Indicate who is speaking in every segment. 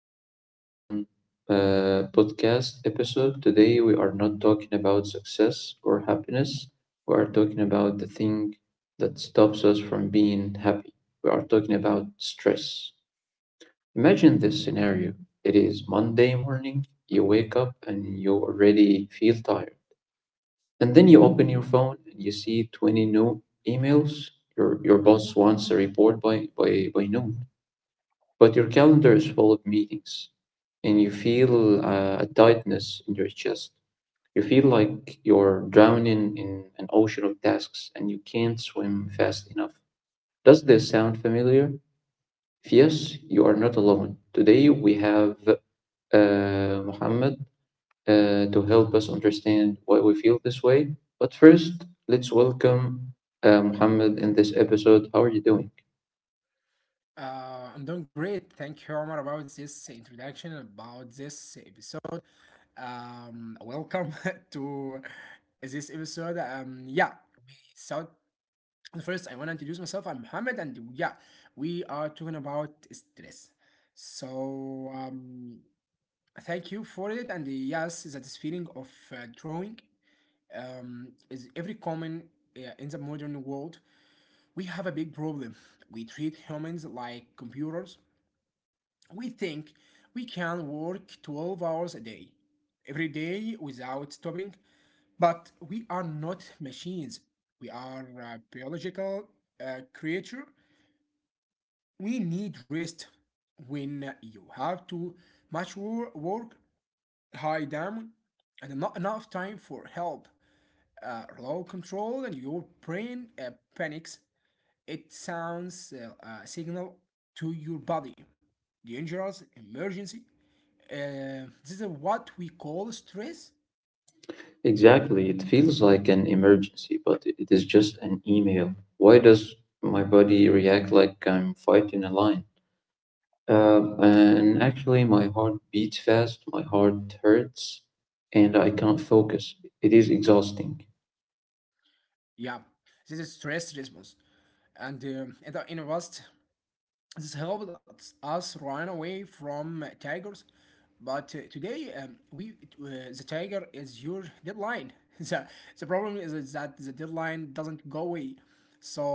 Speaker 1: very important podcast episode. Today, we are not talking about success or happiness. We are talking about the thing that stops us from being happy. We are talking about stress. Imagine this scenario. It is Monday morning, you wake up and you already feel tired. And then you open your phone and you see 20 new emails. Your boss wants a report by noon, but your calendar is full of meetings and you feel a tightness in your chest. You feel like you're drowning in an ocean of tasks and you can't swim fast enough. Does this sound familiar? If yes, you are not alone. Today we have Muhammad to help us understand why we feel this way. But first, let's welcome Muhammad in this episode. How are you doing?
Speaker 2: I'm doing great. Thank you, Omar, about this introduction, about this episode. Welcome to this episode. Yeah, we thought first I want to introduce myself. I'm Mohammed, and yeah, we are talking about stress. So, thank you for it. And yes, that is feeling of drawing is every common in the modern world. We have a big problem. We treat humans like computers. We think we can work 12 hours a day, every day without stopping, but we are not machines. We are a biological creature. We need rest. When you have too much work, high down, and not enough time for help, low control, and your brain panics, it sounds a signal to your body. Dangerous, emergency. This is what we call stress.
Speaker 1: Exactly. It feels like an emergency, but it is just an email. Why does my body react like I'm fighting a lion? And actually, my heart beats fast, my heart hurts, and I can't focus. It is exhausting.
Speaker 2: Yeah, this is stress response. And in the past, this helped us run away from tigers, but today we the tiger is your deadline. the The problem is, that the deadline doesn't go away, so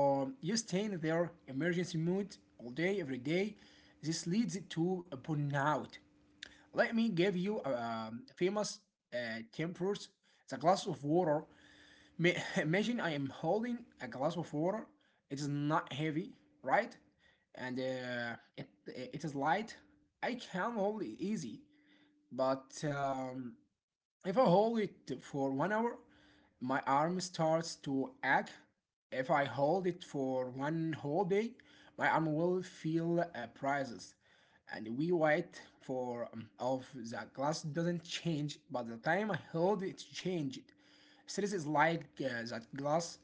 Speaker 2: you stay in their emergency mode all day, every day. This leads to a burnout. Let me give you a, famous tempers. The glass of water. Imagine I am holding a glass of water. It is not heavy, right? And uh, it is light. I can hold it easy. But if I hold it for 1 hour, my arm starts to ache. If I hold it for one whole day, my arm will feel prices. And we wait for of the glass doesn't change, but the time I hold it changed. Stress is like that glass.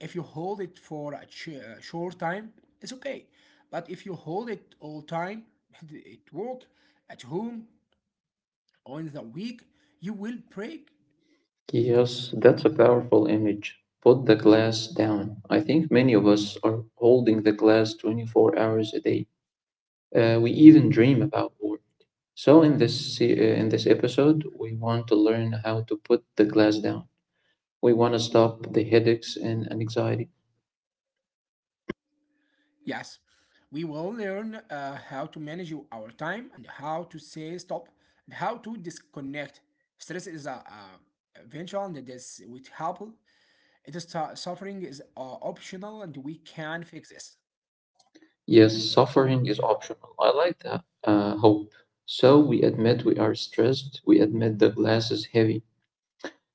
Speaker 2: If you hold it for a short time, it's okay. But if you hold it all time, at work, at home, or in the week, you will break.
Speaker 1: Yes, that's a powerful image. Put the glass down. I think many of us are holding the glass 24 hours a day. We even dream about war. So in in this episode, we want to learn how to put the glass down. We want to stop the headaches and anxiety.
Speaker 2: Yes, we will learn how to manage your- our time and how to say stop and how to disconnect. Stress is a eventual and it is with help. It is suffering is optional and we can fix this.
Speaker 1: Yes, suffering is optional. I like that. Hope. So we admit we are stressed. We admit the glass is heavy.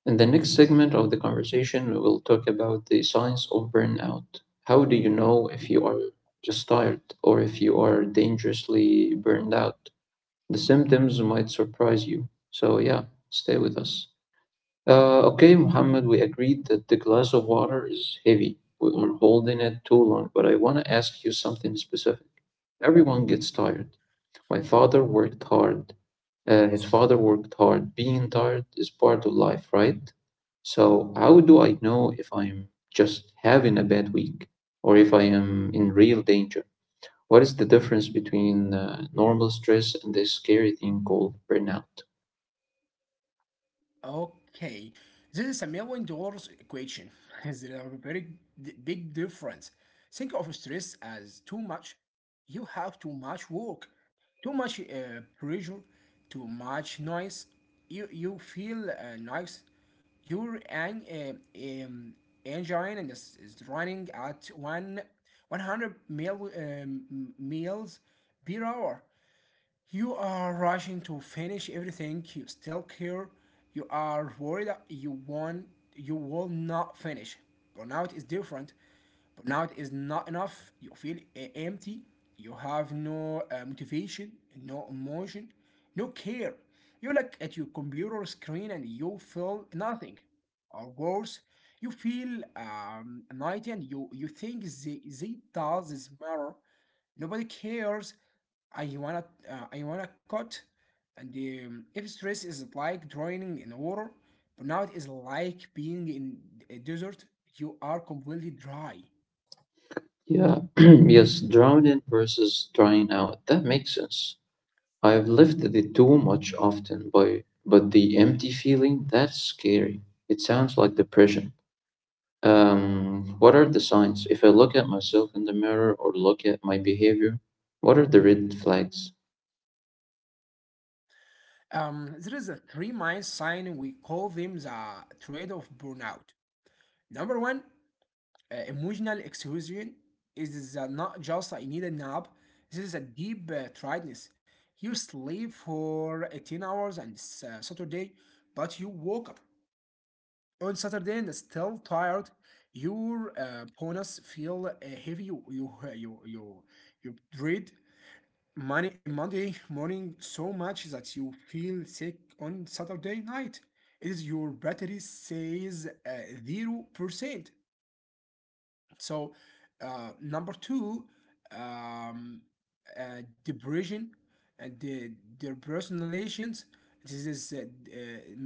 Speaker 1: In the next segment of the conversation, we will talk about the signs of burnout. How do you know if you are just tired or if you are dangerously burned out? The symptoms might surprise you. So yeah, stay with us. Okay, Mohammed, we agreed that the glass of water is heavy. We are holding it too long, but I want to ask you something specific. Everyone gets tired. My father worked hard. His father worked hard. Being tired is part of life, right? So, how do I know if I'm just having a bad week or if I am in real danger? What is the difference between normal stress and this scary thing called burnout?
Speaker 2: Okay, this is a million dollars equation. Is there a very big difference? Think of stress as too much. You have too much work, too much pressure, too much noise. You feel nice. Your engine is running at one 100 mil, miles per hour. You are rushing to finish everything. You still care. You are worried that you will not finish. Burnout is different. Burnout is not enough. You feel empty. You have no motivation, no emotion, no care. You look at your computer screen and you feel nothing. Or worse, you feel anxiety and you think they does this matter. Nobody cares. I wanna, I wanna cut. And if stress is like drowning in water, burnout is like being in a desert. You are completely dry.
Speaker 1: Yeah, yes, drowning versus drying out. That makes sense. I've lived it too much often, but the empty feeling, that's scary. It sounds like depression. What are the signs? If I look at myself in the mirror or look at my behavior, what are the red flags?
Speaker 2: There is a three mind sign. We call them the trade of burnout. Number one, emotional exhaustion is not just I need a nap. This is a deep tiredness. You sleep for 18 hours on Saturday, but you woke up on Saturday and still tired, your bonus feel heavy. You dread money Monday morning so much that you feel sick on Saturday night. Is your battery says 0%? So, number two, um, depression and the their personalizations. This is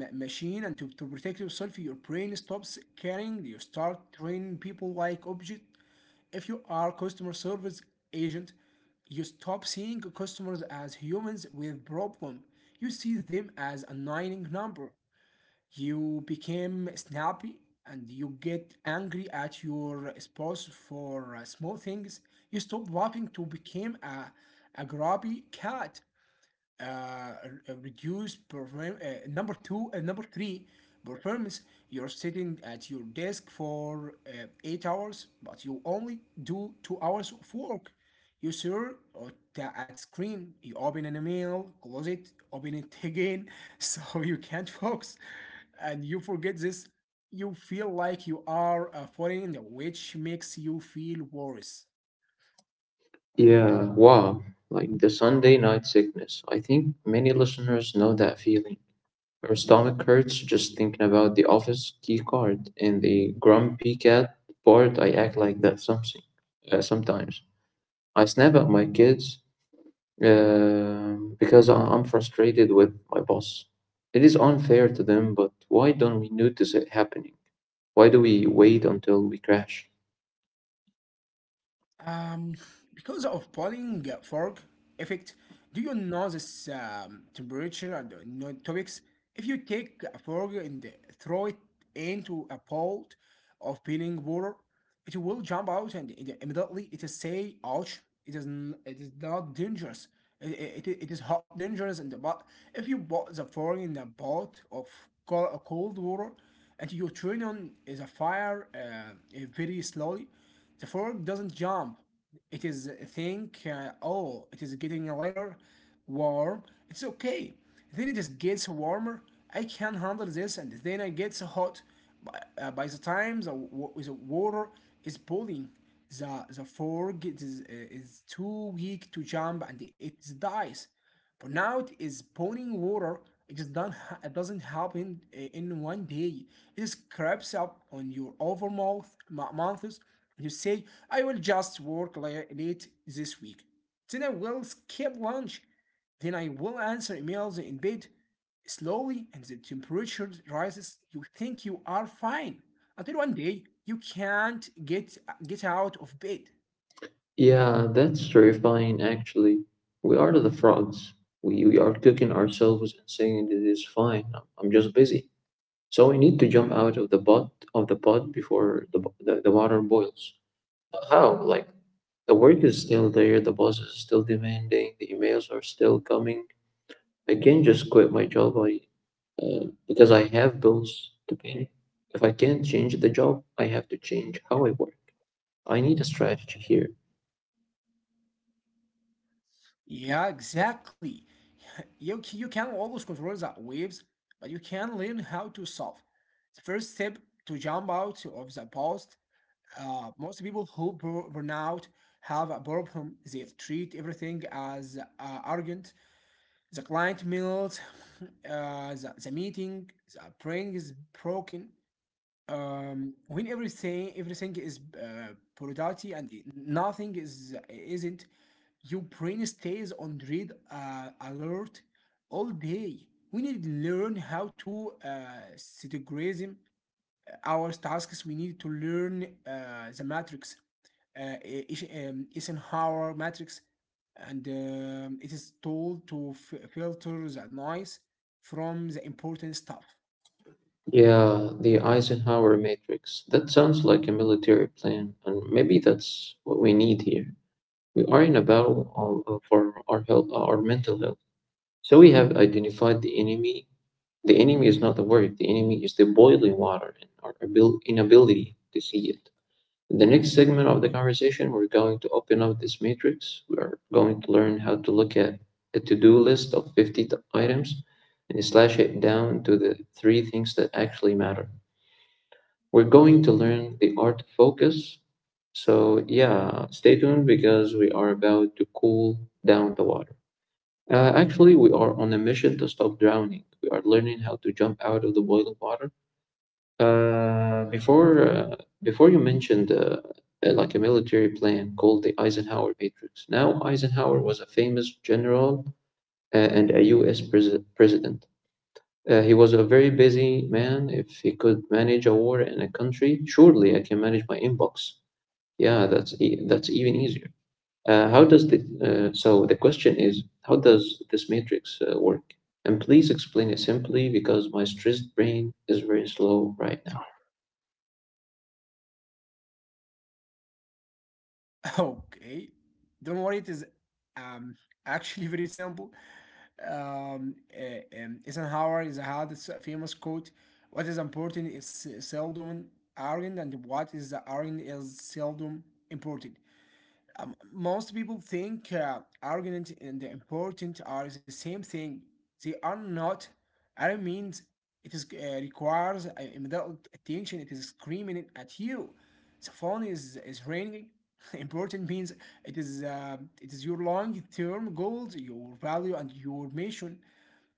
Speaker 2: a machine, and to protect yourself, your brain stops caring. You start training people like object. If you are customer service agent, you stop seeing customers as humans with problem. You see them as a annoying number. You became snappy and you get angry at your spouse for small things. You stop laughing to become a grabby cat uh, reduce perform number two and number three performance. You're sitting at your desk for 8 hours but you only do 2 hours of work. You sure at screen, you open an email, close it, open it again. So you can't focus, and you forget this. You feel like you are a foreigner, which makes you feel worse.
Speaker 1: Yeah, wow, like the Sunday night sickness. I think many listeners know that feeling. Her stomach hurts just thinking about the office key card, and the grumpy cat part. I act like that something sometimes. I snap at my kids because I'm frustrated with my boss. It is unfair to them, but why don't we notice it happening? Why do we wait until we crash?
Speaker 2: Um, because of boiling fog effect, do you know this temperature and no topics? If you take a fog and throw it into a pot of boiling water, it will jump out and immediately it is say, ouch, it is, it is not dangerous. It is hot dangerous, and but if you bought the fog in a pot of cold water and you turn on the fire very slowly, the fork doesn't jump. It is think, oh, it is getting a little warm. It's okay. Then it just gets warmer. I can handle this, and then it gets hot. By the time the water is boiling, the fork is too weak to jump and it dies. But now it is pouring water. It just not, it doesn't happen in one day. It just creeps up on your over months. You say, I will just work late this week. Then I will skip lunch. Then I will answer emails in bed. Slowly, and the temperature rises. You think you are fine until one day you can't get out of bed.
Speaker 1: Yeah, that's terrifying actually. We are the frogs. We are cooking ourselves and saying it is fine. I'm just busy. So we need to jump out of the pot before the water boils. How? Like, the work is still there, the boss is still demanding, the emails are still coming. I can't just quit my job. I Because I have bills to pay. If I can't change the job, I have to change how I work. I need a strategy here.
Speaker 2: Yeah, exactly. You can always control the waves, but you can learn how to solve. The first step to jump out of the past. Most people who burn out have a problem. They treat everything as arrogant. The client mails, the meeting, the praying is broken. When everything is priority and nothing is isn't, your brain stays on red alert all day. We need to learn how to categorize our task is we need to learn the matrix, Eisenhower matrix, and it is told to filter the noise from the important stuff.
Speaker 1: Yeah, the Eisenhower matrix. That sounds like a military plan, and maybe that's what we need here. We are in a for our health, our mental health. So we have identified the enemy. The enemy is not the word, the enemy is the boiling water and our inability to see it. In the next segment of the conversation, we're going to open up this matrix. We are going to learn how to look at a to do list of 50 items and slash it down to the three things that actually matter. We're going to learn the art of focus. So, yeah, stay tuned because we are about to cool down the water. Actually, we are on a mission to stop drowning. We are learning how to jump out of the boiling water. Uh, before, uh, Before you mentioned like a military plan called the Eisenhower Matrix. Now, Eisenhower was a famous general and a U.S. President. He was a very busy man. If he could manage a war in a country, surely I can manage my inbox. Yeah, that's even easier. How does the So the question is, how does this matrix work? And please explain it simply because my stressed brain is very slow right now.
Speaker 2: Okay, don't worry, it is um, actually very simple. Eisenhower is had this famous quote: "What is important is seldom arrogant, and what is arrogant is seldom important." Most people think arrogant and important are the same thing. They are not. I means it is requires immediate attention. It is screaming at you. The phone is ringing. Important means it is uh, it is your long term goals, your value, and your mission.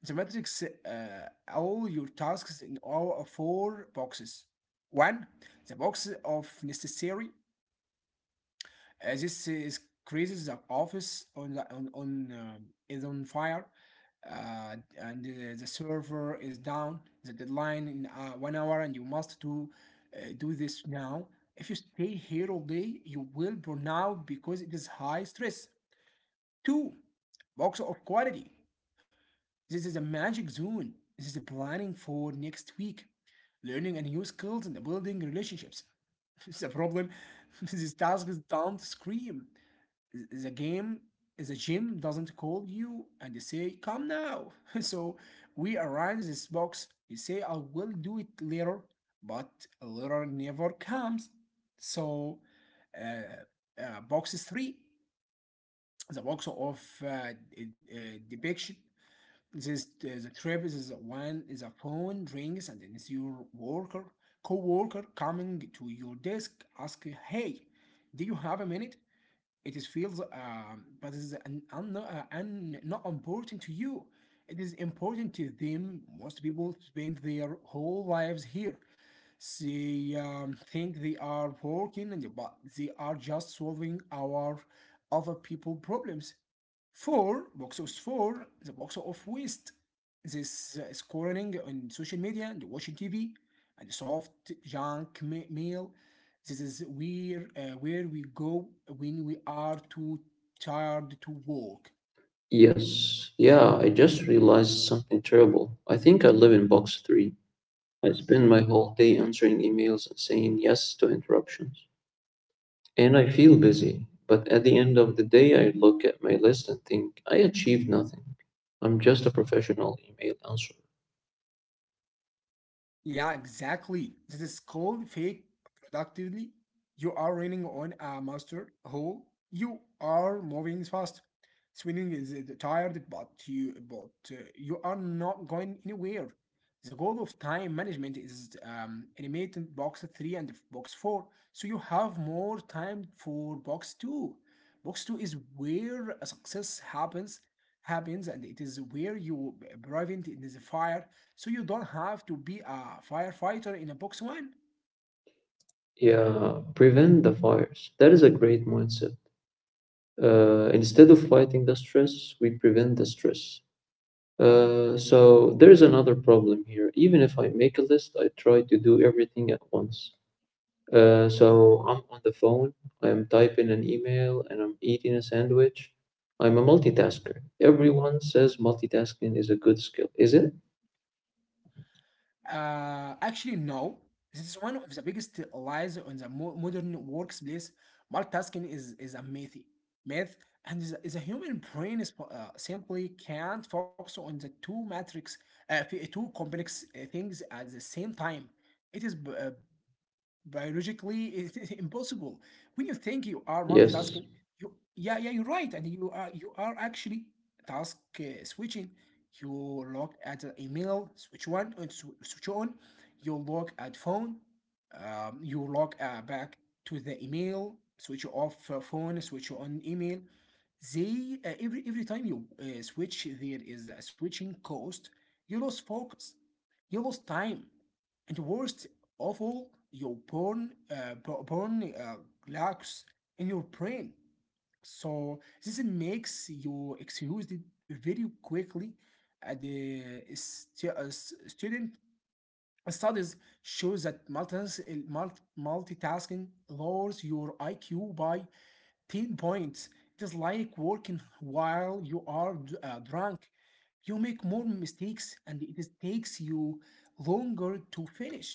Speaker 2: The matrix all your tasks in all four boxes. One, the box of necessary. This is crazy. The office on the, on is on fire, and the server is down. The deadline in 1 hour, and you must do this now. If you stay here all day, you will burn out because it is high stress. Two, box of quality. This is a magic zone. This is a planning for next week, learning and new skills and building relationships. It's a problem. These tasks don't scream. the game the gym doesn't call you and they say come now. So we arrange this box, you say I will do it later, but later never comes. So, box three, the box of uh, depiction, this the trip. This is one is a phone rings and then it's your worker co-worker coming to your desk ask hey, do you have a minute? It is feels, but it is not important to you. It is important to them. Most people spend their whole lives here. They think they are working, and but they are just solving our other people problems. Four, box of four, the box of waste. This scrolling on social media and watching TV and soft junk mail. This is where we go when we are too tired to work.
Speaker 1: Yes, yeah, I just realized something terrible. I think I live in box three. I spend my whole day answering emails and saying yes to interruptions. And I feel busy, but at the end of the day, I look at my list and think I achieved nothing. I'm just a professional email answerer.
Speaker 2: Yeah, exactly. This is called fake productively. You are running on a master hole. You are moving fast. Swimming is tired, but you are not going anywhere. The goal of time management is animated box three and box four, so you have more time for box two. Box two is where a success happens, and it is where you prevent it is a fire, so you don't have to be a firefighter in a box one.
Speaker 1: Yeah, prevent the fires. That is a great mindset. Instead of fighting the stress, we prevent the stress. So there is another problem here. Even if I make a list, I try to do everything at once. So I'm on the phone, I'm typing an email, and I'm eating a sandwich. I'm a multitasker. Everyone says multitasking is a good skill. Is it?
Speaker 2: Actually, no. This is one of the biggest lies on the modern workplace. Multitasking is a myth. Myth and is a human brain simply can't focus on the two matrix, two complex things at the same time. It is biologically it's impossible when you think you are
Speaker 1: Yes.
Speaker 2: multitasking you Yeah, yeah, you're right, and you are actually task switching. You look at the email, switch switch on, you look at phone, you look back to the email, switch off phone, switch on email. They uh, every every time you switch there is a switching cost. You lose focus, you lose time, and worst awful, your burn lacks in your brain. So this makes you excuse it very quickly. The student studies show that multitasking lowers your iq by 10 points. It is like working while you are drunk. You make more mistakes and it is- takes you longer to finish.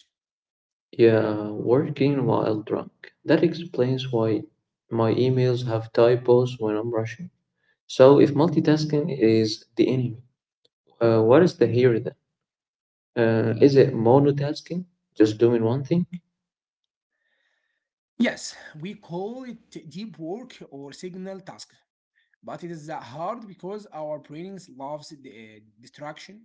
Speaker 1: Yeah, working while drunk. That explains why my emails have typos when I'm rushing. So, if multitasking is the enemy, what is the hero then? Is it monotasking, just doing one thing?
Speaker 2: Yes, we call it deep work or signal task, but it is hard because our brains loves the distraction.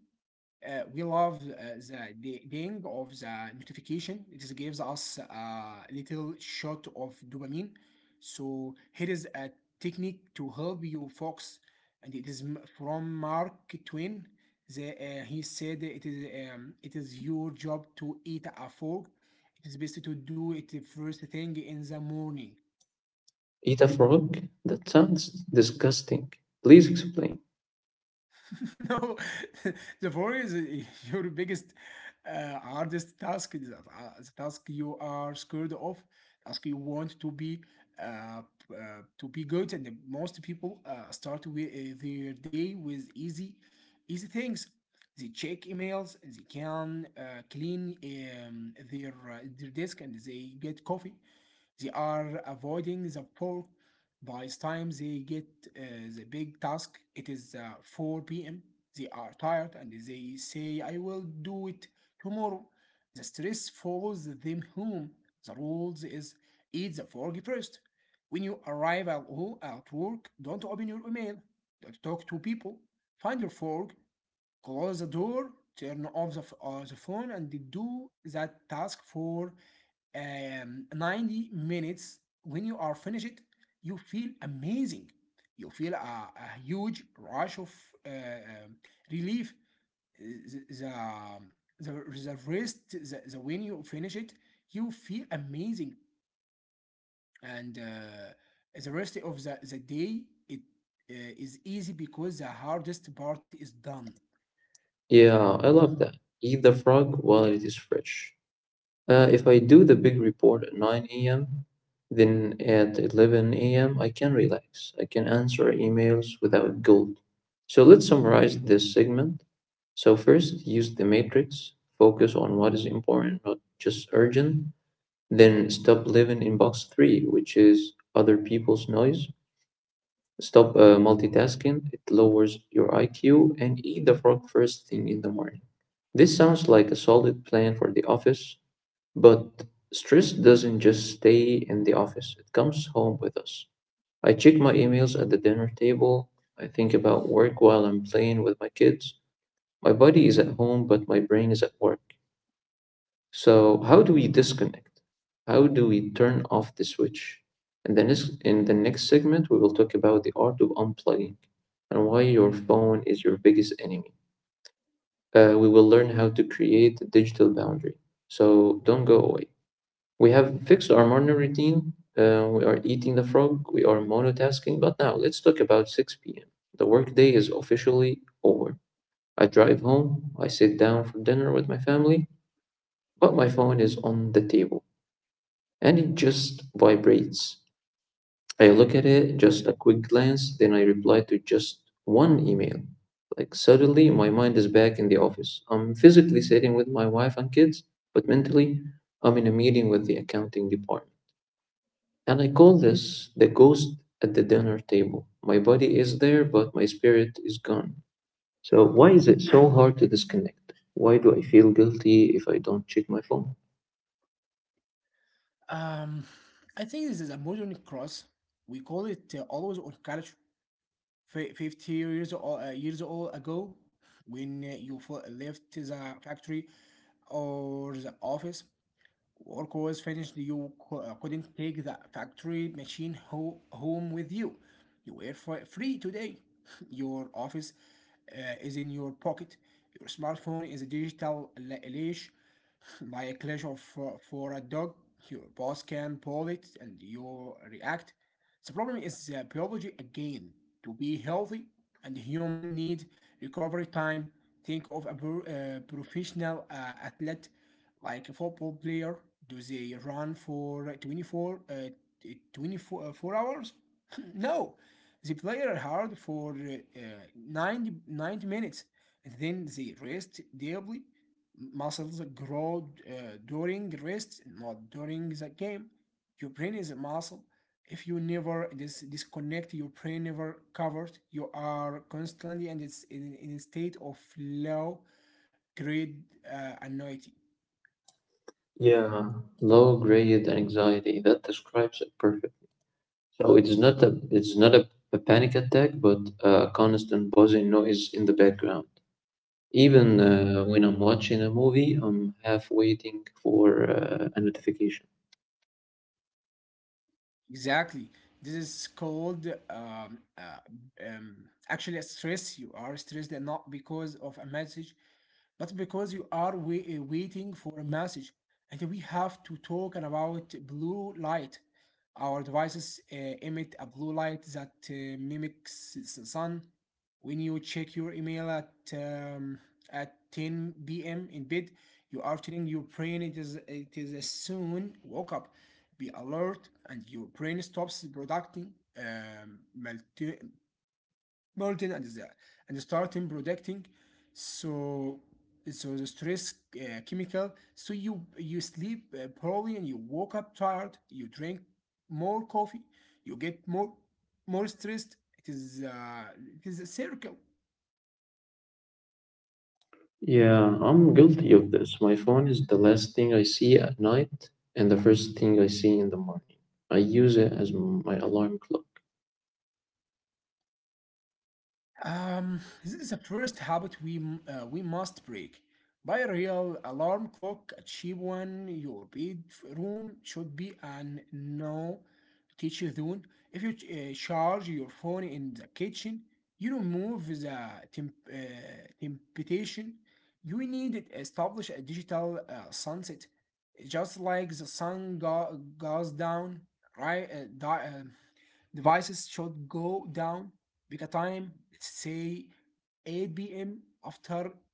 Speaker 2: We love the ding of the notification. It is gives us a little shot of dopamine. So here is a technique to help you focus, and it is from Mark Twain. He said it is your job to eat a fork. It is best to do it the first thing in the morning.
Speaker 1: Eat a frog? That sounds disgusting. Please explain.
Speaker 2: No, the worry is your biggest, hardest task, is, the task you are scared of, task you want to be, uh, to be good. And the most people start with their day with easy, easy things. They check emails, they can clean their desk, and they get coffee. They are avoiding the pork. By the time they get the big task, it is 4 p.m. They are tired and they say, "I will do it tomorrow." The stress follows them home. The rules is eat the frog first. When you arrive at at work, don't open your email. Don't talk to people. Find your fork, close the door, turn off the, the phone, and do that task for 90 minutes. When you are finished you feel amazing, you feel a huge rush of uh, um, relief. The, um, the, the rest the, the when you finish it you feel amazing, and the rest of the day it is easy because the hardest part is done.
Speaker 1: Yeah, I love that. Eat the frog while it is fresh. If I do the big report at 9 a.m., then at 11 a.m., I can relax. I can answer emails without guilt. So let's summarize this segment. So, first, use the matrix, focus on what is important, not just urgent. Then, stop living in box three, which is other people's noise. Stop multitasking, it lowers your IQ, and eat the frog first thing in the morning. This sounds like a solid plan for the office, but stress doesn't just stay in the office, it comes home with us. I check my emails at the dinner table. I think about work while I'm playing with my kids. My body is at home, but my brain is at work. So, how do we disconnect? How do we turn off the switch? And then, in the next segment, we will talk about the art of unplugging and why your phone is your biggest enemy. We will learn how to create a digital boundary. So, don't go away. We have fixed our morning routine. We are eating the frog. We are monotasking. But now let's talk about 6 p.m. The workday is officially over. I drive home. I sit down for dinner with my family, but my phone is on the table and it just vibrates. I look at it, just a quick glance, then I reply to just one email. Like, suddenly, my mind is back in the office. I'm physically sitting with my wife and kids, but mentally, I'm in a meeting with the accounting department. And I call this the ghost at the dinner table. My body is there, but my spirit is gone. So, why is it so hard to disconnect? Why do I feel guilty if I don't check my phone?
Speaker 2: um, I think this is a modern cross. We call it always on culture. 50 years or years old ago, when you left the factory or the office, work was finished. You couldn't take the factory machine home with you. You were free today. Your office is in your pocket. Your smartphone is a digital leash, like a leash of, for a dog. Your boss can pull it and you react. The problem is biology again. To be healthy and human need recovery time. Think of a professional athlete, like a football player, do they run for like, 24, 24 4 hours? No, they play hard for 90, ninety minutes. And then they rest deeply. Muscles grow during rest, not during the game. Your brain is a muscle. If you never disconnect, your brain never covered. You are constantly and it's in a state of low grade anxiety.
Speaker 1: Yeah, low grade anxiety. That describes it perfectly. So it's not a, a panic attack, but a constant buzzing noise in the background. Even when I'm watching a movie, I'm half waiting for a notification.
Speaker 2: Exactly. This is called actually a stress. You are stressed not because of a message, but because you are waiting for a message. And we have to talk about blue light. Our devices emit a blue light that mimics the sun. When you check your email at 10 p.m. in bed, you are telling your brain it is a soon woke up. Be alert, and your brain stops producing um, melting and and starting producing. So so the stress chemical. So you sleep poorly and you woke up tired. You drink more coffee. You get more stressed. It is a circle.
Speaker 1: Yeah, I'm guilty of this. My phone is the last thing I see at night and the first thing I see in the morning. I use it as my alarm clock.
Speaker 2: This is the first habit we must break. Buy a real alarm clock, a cheap one. Your bedroom should be an no teach zone. If you charge your phone in the kitchen, you remove the temptation. You need to establish a digital sunset, just like the sun goes down. Right, devices should go down. Pick a time, let's say 8 p.m. After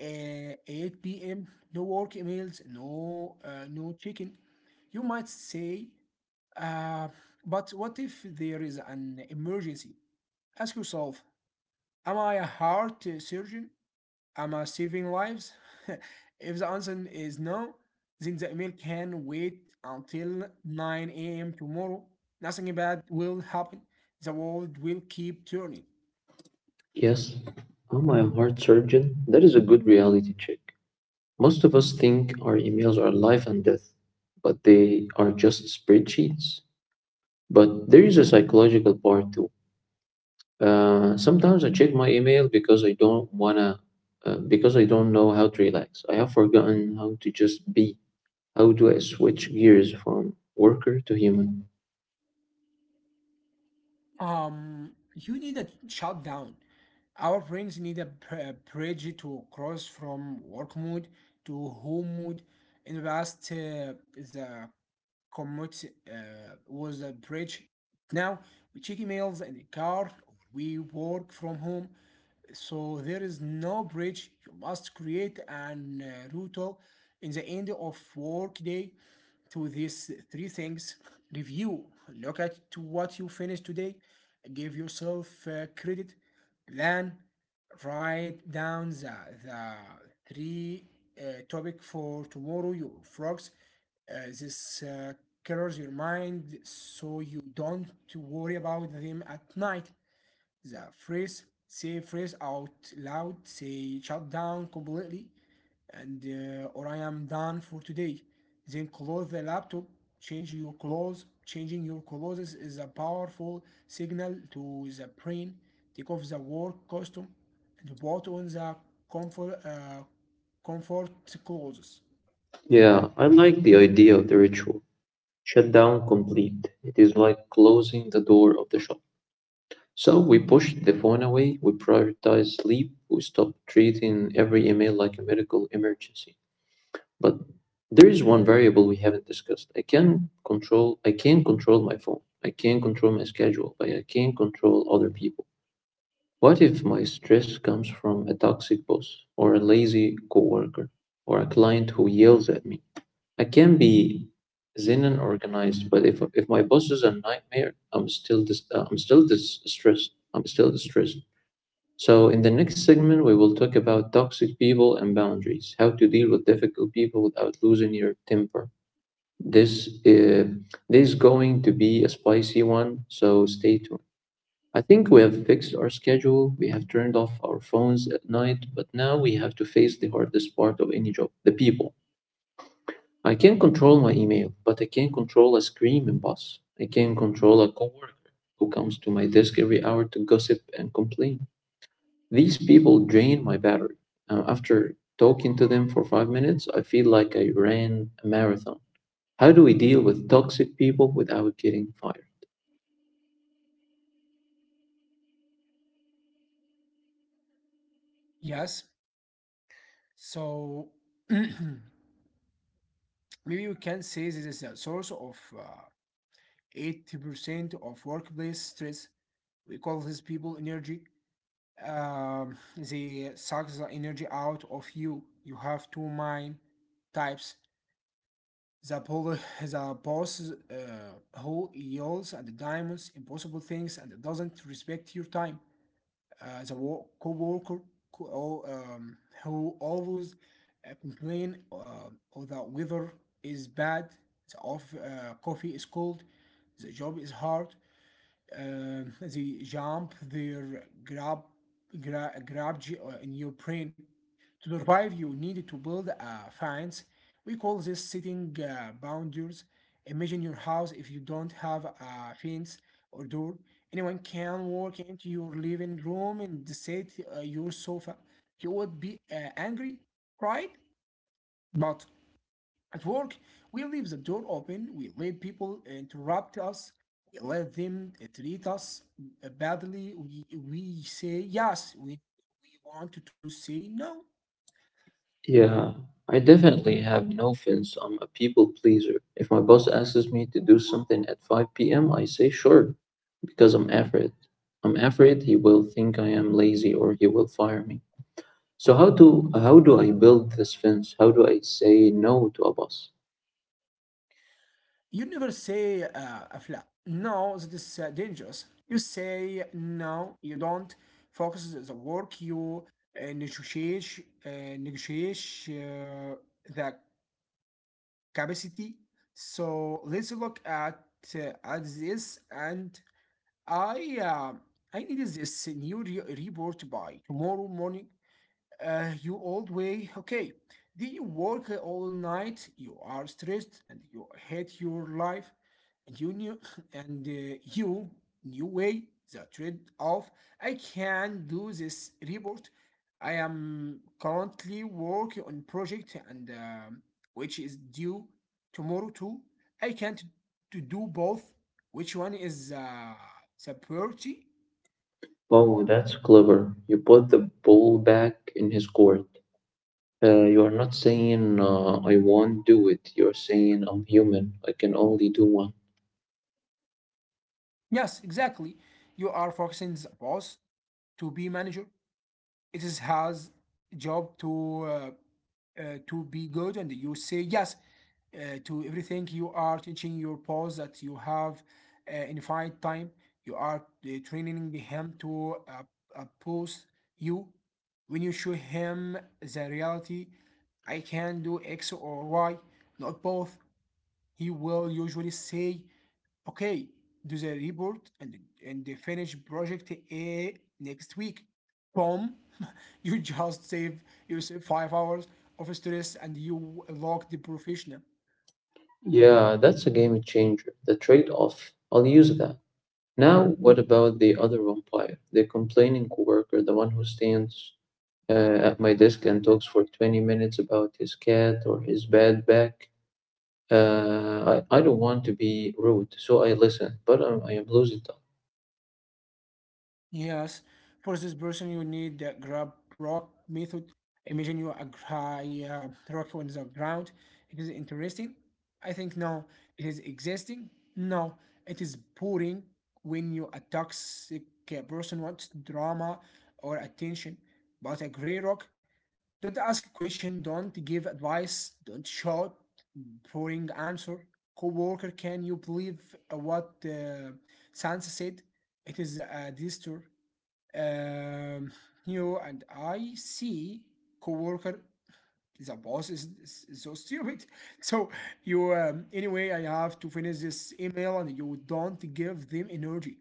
Speaker 2: 8 p.m., no work emails, no checking. You might say, uh, but what if there is an emergency? Ask yourself, am I a heart surgeon? Am I saving lives? If the answer is no, then the email can wait until 9 a.m. tomorrow. Nothing bad will happen. The world will keep turning.
Speaker 1: Yes, am I a heart surgeon? That is a good reality check. Most of us think our emails are life and death, but they are just spreadsheets. But there is a psychological part too. Sometimes I check my email because I don't wanna, because I don't know how to relax. I have forgotten how to just be. How do I switch gears from worker to human?
Speaker 2: You need a shutdown. Our brains need a bridge to cross from work mode to home mode. In the past, the commute was a bridge. Now, we check emails in the car or we work from home, so there is no bridge. You must create an ritual in the end of workday to these three things. Review, look at to what you finished today, give yourself credit, then write down the three topic for tomorrow you frogs. This clears your mind so you don't worry about them at night. The phrase, say phrase out loud, say shut down completely, and or I am done for today. Then close the laptop, change your clothes. Changing your clothes is a powerful signal to the brain. Take off the work costume and put on the comfort, uh, comfort clothes.
Speaker 1: Yeah, I like the idea of the ritual. Shutdown complete. It is like closing the door of the shop. So we pushed the phone away, we prioritize sleep, we stop treating every email like a medical emergency. But there is one variable we haven't discussed. I can control my phone. I can control my schedule, but I can't control other people. What if my stress comes from a toxic boss, or a lazy coworker, or a client who yells at me? I can be zen and organized, but if my boss is a nightmare, I'm still stressed. I'm still distressed. So in the next segment, we will talk about toxic people and boundaries, how to deal with difficult people without losing your temper. This uh, this is going to be a spicy one, so stay tuned. I think we have fixed our schedule, we have turned off our phones at night, but now we have to face the hardest part of any job: the people. I can't control my email, but I can control a screaming boss. I can control a coworker who comes to my desk every hour to gossip and complain. These people drain my battery. After talking to them for 5 minutes, I feel like I ran a marathon. How do we deal with toxic people without getting fired?
Speaker 2: Yes, so maybe you can say this is a source of 80% of workplace stress. We call this people energy. They suck the energy out of you. You have two mind types. The, pol- the boss who yells at the diamonds, impossible things, and doesn't respect your time. The co-worker co- oh, um, who always complain of the weather is bad, the coffee is cold, the job is hard, they jump their grab, gra- grab in your brain. To survive, you need to build a fence. We call this setting boundaries. Imagine your house if you don't have a fence or door. Anyone can walk into your living room and sit your sofa. You would be angry, right? But at work, we leave the door open, we let people interrupt us, we let them treat us badly, we say yes. We want to say no.
Speaker 1: Yeah, I definitely have no fins. I'm a people pleaser. If my boss asks me to do something at 5 p.m., I say sure because I'm afraid. I'm afraid he will think I am lazy or he will fire me. So how do I build this fence? How do I say no to a boss?
Speaker 2: You never say a flat no, that is dangerous. You say no, you don't focus the work, you negotiate, negotiate uh, the capacity. So let's look at this, and I uh, I need this new report by tomorrow morning. You old way, okay? Did you work all night. You are stressed and you hate your life. Junior, and you new way the trade off. I can do this report, I am currently working on project and which is due tomorrow too. I can't to do both. Which one is the priority?
Speaker 1: Oh, that's clever. You put the ball back in his court. You are not saying I won't do it. You're saying I'm human. I can only do one.
Speaker 2: Yes, exactly. You are focusing the boss to be manager. It is his job to be good, and you say yes to everything. You are teaching your boss that you have infinite time. You are training him to oppose you. When you show him the reality, I can do x or y, not both, he will usually say, okay, do the report and the finish project A next week. Boom! You just save yourself 5 hours of stress and you look the professional.
Speaker 1: Yeah, that's a game changer. The trade-off. I'll use that. Now, what about the other vampire? The complaining coworker, the one who stands at my desk and talks for 20 minutes about his cat or his bad back. I don't want to be rude, so I listen, but I am losing time.
Speaker 2: Yes, for this person, you need the grab rock method. Imagine you a high rock on the ground. It is interesting. I think no, it is existing. No, it is boring when you a toxic person wants drama or attention. But a gray rock. Don't ask a question, don't give advice, don't shout boring answer. Co-worker, can you believe what Sansa said? It is a disaster. Um, you and I see, co-worker, the boss is, is so stupid. So you, anyway, I have to finish this email and you don't give them energy.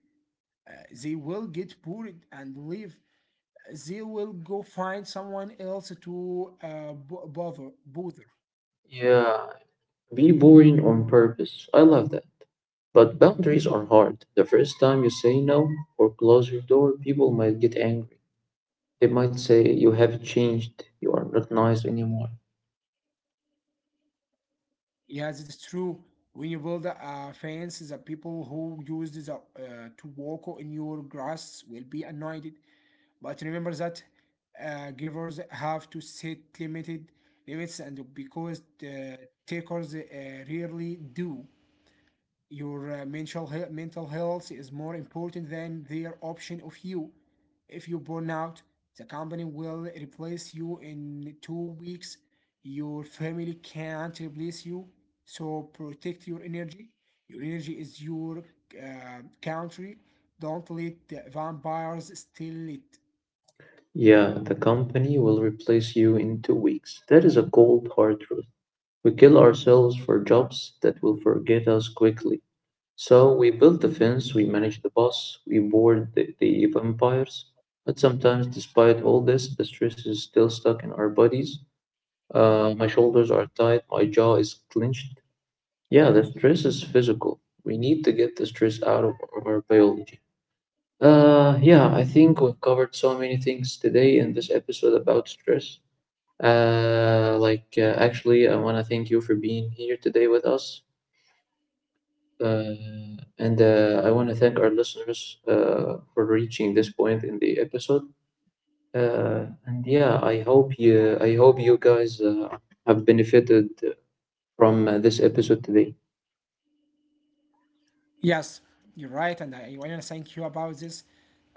Speaker 2: They will get bored and leave. They will go find someone else to bother. Bother.
Speaker 1: Yeah, be boring on purpose. I love that. But boundaries are hard. The first time you say no or close your door, people might get angry. They might say, you have changed, you are not nice anymore.
Speaker 2: Yes, it is true. When you build a fence, the people who use the to walk in your grass will be annoyed. But remember that givers have to set limited limits, and because the takers rarely do. Your mental health is more important than their option of you. If you burn out, the company will replace you in 2 weeks. Your family can't replace you, so protect your energy. Your energy is your country. Don't let the vampires steal it.
Speaker 1: Yeah, the company will replace you in 2 weeks. That is a cold hard truth. We kill ourselves for jobs that will forget us quickly. So we build the fence, we manage the boss, we board the vampires. But sometimes, despite all this, the stress is still stuck in our bodies. My shoulders are tight, my jaw is clenched. Yeah, the stress is physical. We need to get the stress out of our biology. Yeah, I think we've covered so many things today in this episode about stress. Actually, I want to thank you for being here today with us. And I want to thank our listeners for reaching this point in the episode. And yeah, I hope you guys have benefited from this episode today.
Speaker 2: Yes, you're right, and I want to thank you about this.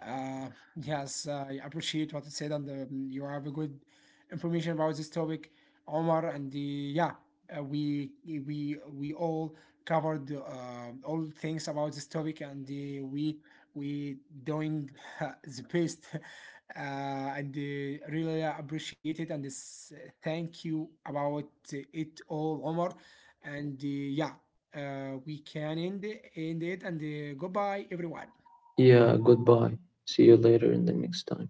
Speaker 2: Uh, yes, I appreciate what you said, and you have a good information about this topic, Omar. And yeah, we all covered all things about this topic, and we doing the best, and really appreciate it, and this, thank you about it all, Omar. And yeah, we can end it and goodbye everyone.
Speaker 1: Yeah, goodbye. See you later in the next time.